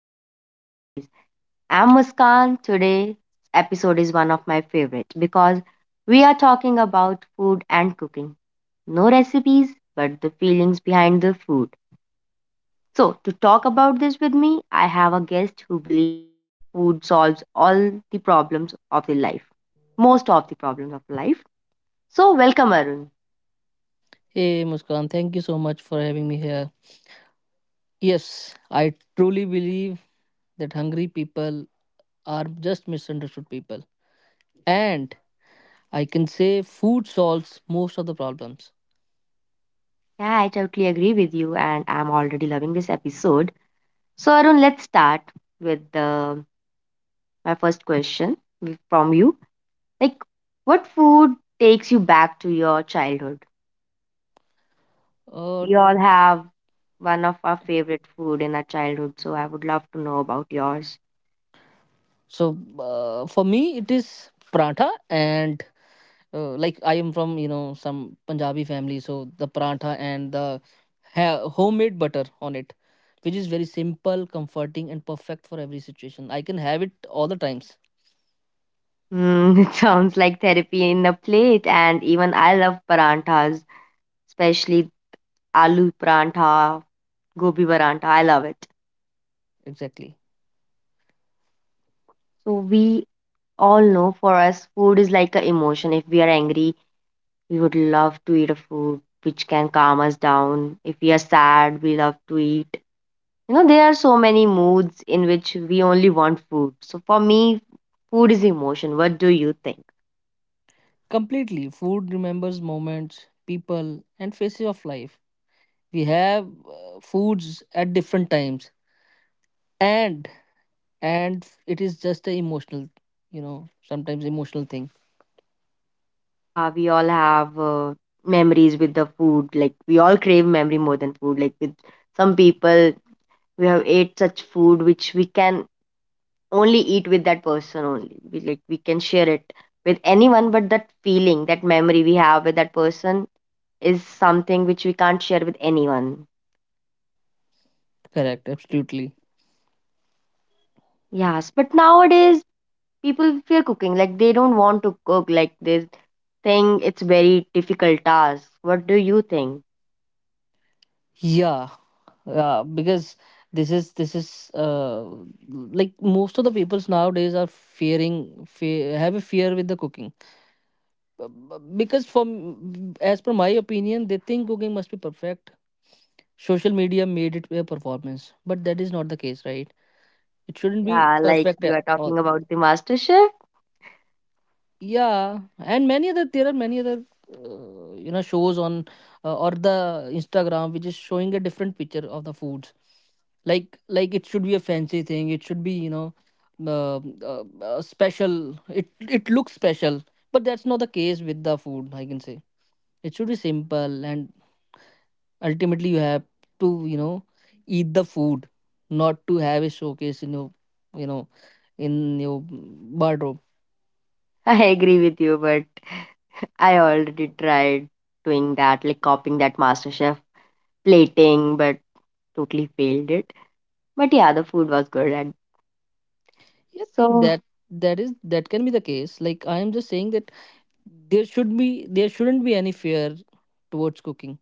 Flavors and Memories. I'm Muskan. Today's episode is one of my favorite because we are talking about food and cooking. No recipes, but the feelings behind the food. So, to talk about this with me, I have a guest who believes food solves all the problems of the life. Most of the problems of life. So, welcome Arun. Hey Muskan, thank you so much for having me here. Yes, I truly believe that hungry people are just misunderstood people. And I can say food solves most of the problems. Yeah, I totally agree with you, and I'm already loving this episode. So Arun, let's start with the my first question from you. Like, what food takes you back to your childhood? Uh, We all have one of our favorite food in our childhood, so I would love to know about yours. For me, it is paratha and like I am from, some Punjabi family. So the paratha and the homemade butter on it, which is very simple, comforting and perfect for every situation. I can have it all the times. Mm, it sounds like therapy in a plate, and even I love paranthas, especially aloo parantha, gobi parantha. I love it. Exactly. So we all know for us, food is like an emotion. If we are angry, we would love to eat a food which can calm us down. If we are sad, we love to eat. You know, there are so many moods in which we only want food. So for me, food is emotion. What do you think? Completely. Food remembers moments, people, and phases of life. We have foods at different times, and and it is just a emotional, sometimes emotional thing. Yeah, we all have memories with the food. Like we all crave memory more than food. Like with some people, we have ate such food which we can only eat with that person only. We like we can share it with anyone, but that feeling, that memory we have with that person is something which we can't share with anyone. Correct. Absolutely. Yes, but nowadays people fear cooking. Like they don't want to cook. Like they think it's very difficult task. What do you think? Yeah. Yeah. Because this is like most of the peoples nowadays are fearing fe have a fear with the cooking. Because from as per my opinion they think cooking must be perfect. Social media made it a performance, but that is not the case, right? It shouldn't be Yeah, like perfect you at are all. talking about the master chef. Yeah, and many other there are many other you know shows on or the Instagram which is showing a different picture of the foods. Like it should be a fancy thing. It should be, you know, special. It looks special, but that's not the case with the food. I can say it should be simple, and ultimately you have to, you know, eat the food, not to have a showcase in your, you know in your wardrobe. I agree with you, but I already tried doing that, like copying that master chef plating, but totally failed it. But yeah, the food was good. And Yeah, so, that that is, that can be the case. Like, I am just saying that there should be there shouldn't be any fear towards cooking.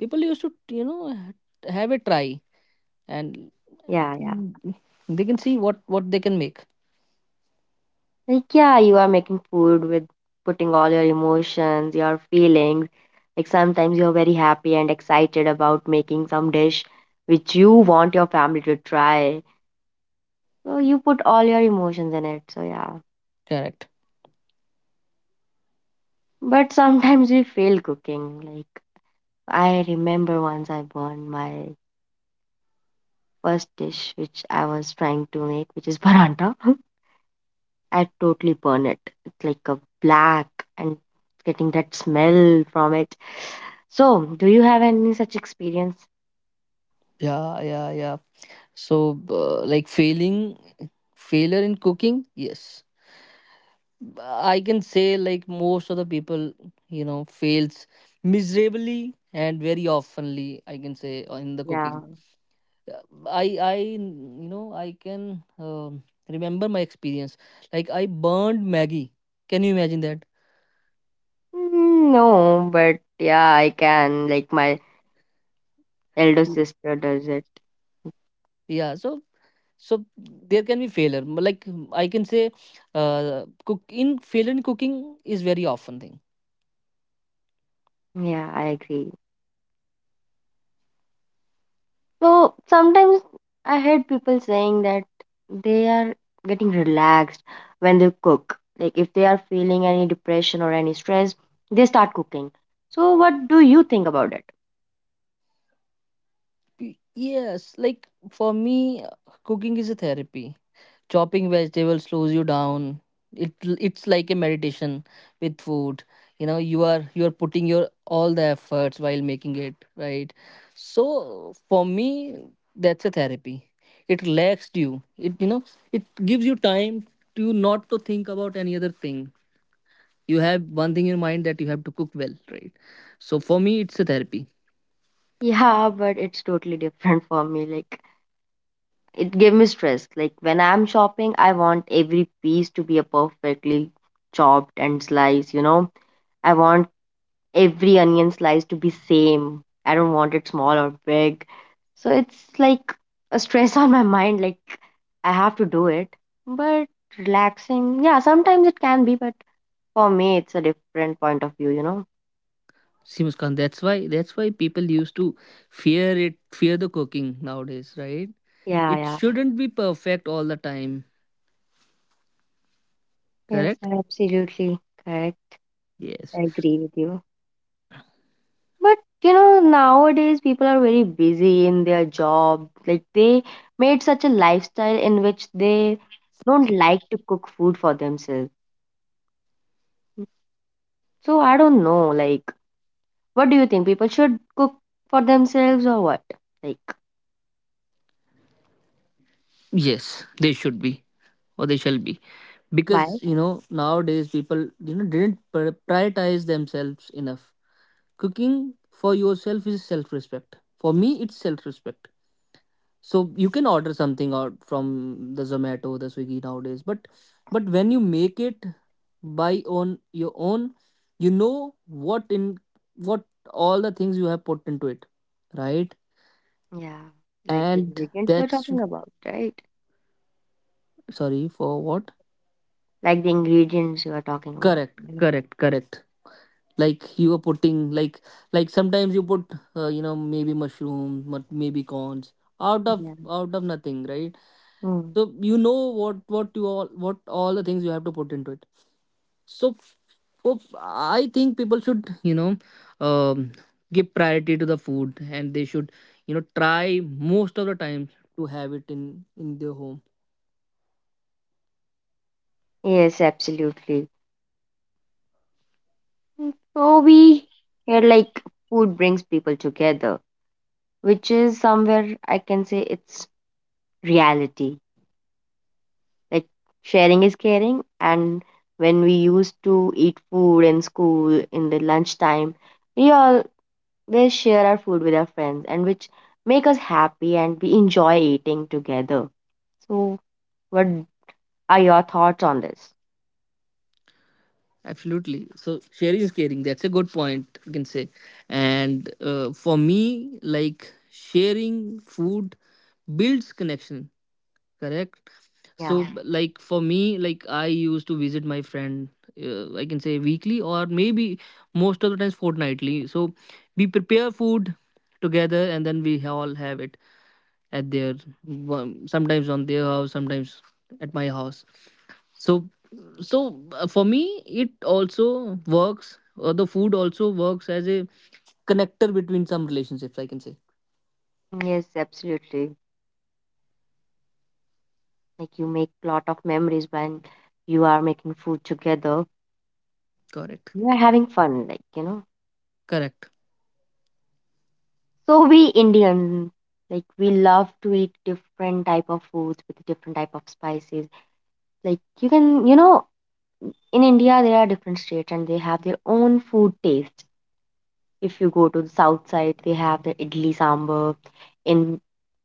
People used to, you know, have a try, and yeah, yeah. they can see what they can make. Like, yeah, you are making food with putting all your emotions, your feelings. Like, sometimes you're very happy and excited about making some dish which you want your family to try. So, you put all your emotions in it. So, yeah. Correct. But sometimes we fail cooking. Like, I remember once I burned my first dish which I was trying to make, which is paranta. I'd totally burn it. It's like a black and getting that smell from it. So, do you have any such experience? yeah yeah yeah so like failing, failure in cooking, yes, I can say like most of the people, you know, fails miserably and very oftenly. I can say, in the Yeah. cooking. Uh, I you know, I can remember my experience. Like I burned Maggie. Can you imagine that? Mm, no, but yeah, I can. Like my elder Mm. sister does it. Yeah. So there can be failure. But, like, I can say, cook in failure in cooking is very often thing. Yeah, I agree. So sometimes I heard people saying that they are getting relaxed when they cook. Like if they are feeling any depression or any stress, they start cooking. So what do you think about it? Yes, like for me, cooking is a therapy. Chopping vegetables slows you down. It it's like a meditation with food. You know, you are putting your all the efforts while making it, right? So for me, that's a therapy. It relaxed you. It, you know, it gives you time to not to think about any other thing. You have one thing in mind, that you have to cook well, right? So for me it's a therapy. Yeah, but it's totally different for me. Like it gave me stress. Like when I'm shopping, I want every piece to be a perfectly chopped and sliced, you know. I want every onion slice to be same. I don't want it small or big. So it's like a stress on my mind, like I have to do it. But relaxing, yeah, sometimes it can be, but for me it's a different point of view, you know. See, Muskan, that's why people used to fear it, fear the cooking nowadays, right? Yeah, It yeah. shouldn't be perfect all the time, Yes, correct? absolutely correct. Yes, I agree with you. But you know, nowadays people are very busy in their job. Like they made such a lifestyle in which they don't like to cook food for themselves. So I don't know, like what do you think? People should cook for themselves or what? Like yes, they should be, or they shall be, why? because, you know, nowadays people, you know, didn't prioritize themselves enough. Cooking for yourself is self-respect. For me, it's self-respect. So you can order something out from the Zomato, the Swiggy nowadays, but when you make it by on your own, you know what in what all the things you have put into it, right? Yeah. Like the And ingredients you are that's— talking about, right? sorry, for what? Like the ingredients you are talking about. Correct, Mm. correct, correct. Like you are putting like sometimes you put, you know, maybe mushrooms, but maybe corns out of, Yeah. Nothing, right? Mm. So you know what you all what all the things you have to put into it. So, oh, I think people should, you know, um, give priority to the food, and they should, you know, try most of the time to have it in their home. Yes, absolutely. So we hear like food brings people together, which is somewhere I can say it's reality. Like sharing is caring, and when we used to eat food in school in the lunchtime, we always share our food with our friends, and which make us happy and we enjoy eating together. So, what are your thoughts on this? Absolutely. So sharing is caring. That's a good point, you can say. And for me, like sharing food builds connection. Correct. So Yeah. yeah, like for me, like I used to visit my friend, I can say weekly or maybe most of the times fortnightly. So we prepare food together, and then we all have it at their, sometimes on their house, sometimes at my house. So so, for me it also works, or the food also works as a connector between some relationships, I can say. Mm, yes, absolutely. Like you make lot of memories when you are making food together. Correct, You are having fun, like you know. correct. So we Indians, like we love to eat different type of foods with different type of spices. Like you can, you know, in India there are different states and they have their own food taste. If you go to the south side, they have the idli sambar. In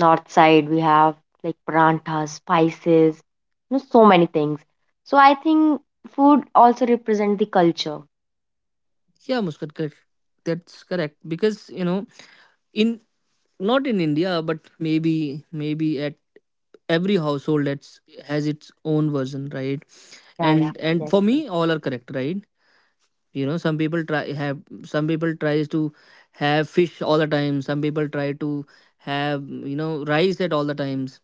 north side, we have like paranthas, spices, you know, so many things. So I think food also represent the culture. Yeah Muskat, correct. That's correct, because you know, in, not in India, but maybe, at every household, that's has its own version, right? Yeah, yeah, And that's for correct. me, all are correct, right? You know, some people tries to have fish all the time. Some people try to have, you know, rice at all the times.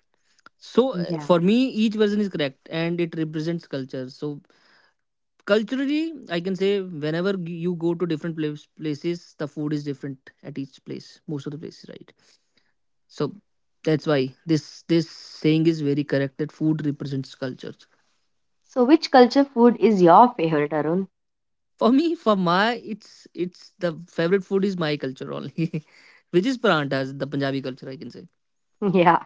So Yeah. for me, each version is correct, and it represents culture. So culturally, I can say whenever you go to different places, the food is different at each place, most of the places, right? So that's why this saying is very correct, that food represents cultures. So which culture food is your favorite, Arun? For me, for my it's the favorite food is my culture only, which is paranthas, the Punjabi culture I can say. Yeah.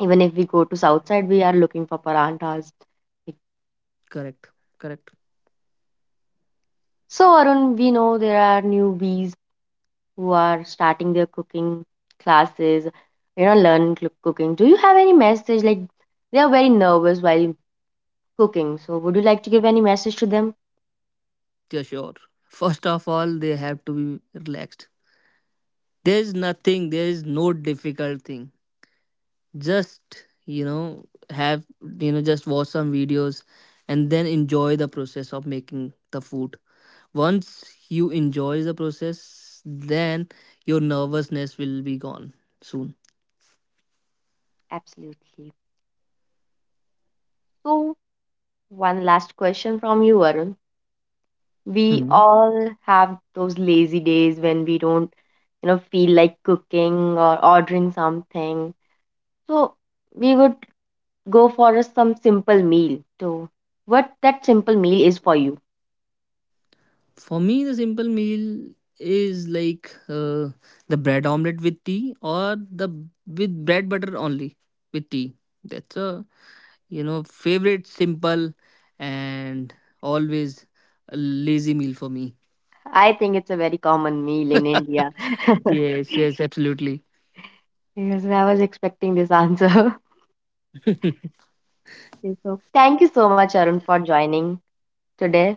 Even if we go to south side, we are looking for paranthas. Correct, correct. So Arun, we know there are newbies who are starting their cooking classes, you know, learn cooking. Do you have any message? Like they are very nervous while cooking. So would you like to give any message to them? Yeah, sure. First of all, they have to be relaxed. There is nothing. There is no difficult thing. Just, you know, just watch some videos and then enjoy the process of making the food. Once you enjoy the process, then your nervousness will be gone soon. Absolutely. So one last question from you, Arun. We Hmm. all have those lazy days when we don't, you know, feel like cooking or ordering something. So we would go for some simple meal. So, what that simple meal is for you? For me, the simple meal is like, the bread omelette with tea, or the with bread butter only with tea. That's a, you know, favorite simple and always a lazy meal for me. I think it's a very common meal in India. Yes, yes, absolutely. Yes, I was expecting this answer. Okay, so, thank you so much, Arun, for joining today.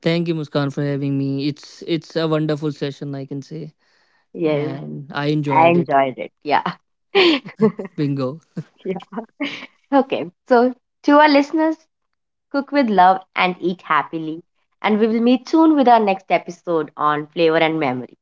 Thank you, Muskan, for having me. It's a wonderful session, I can say, Yes, and I I enjoyed it. enjoyed it. Yeah. yeah. Bingo. Okay. So, to our listeners, cook with love and eat happily. And we will meet soon with our next episode on flavor and memory.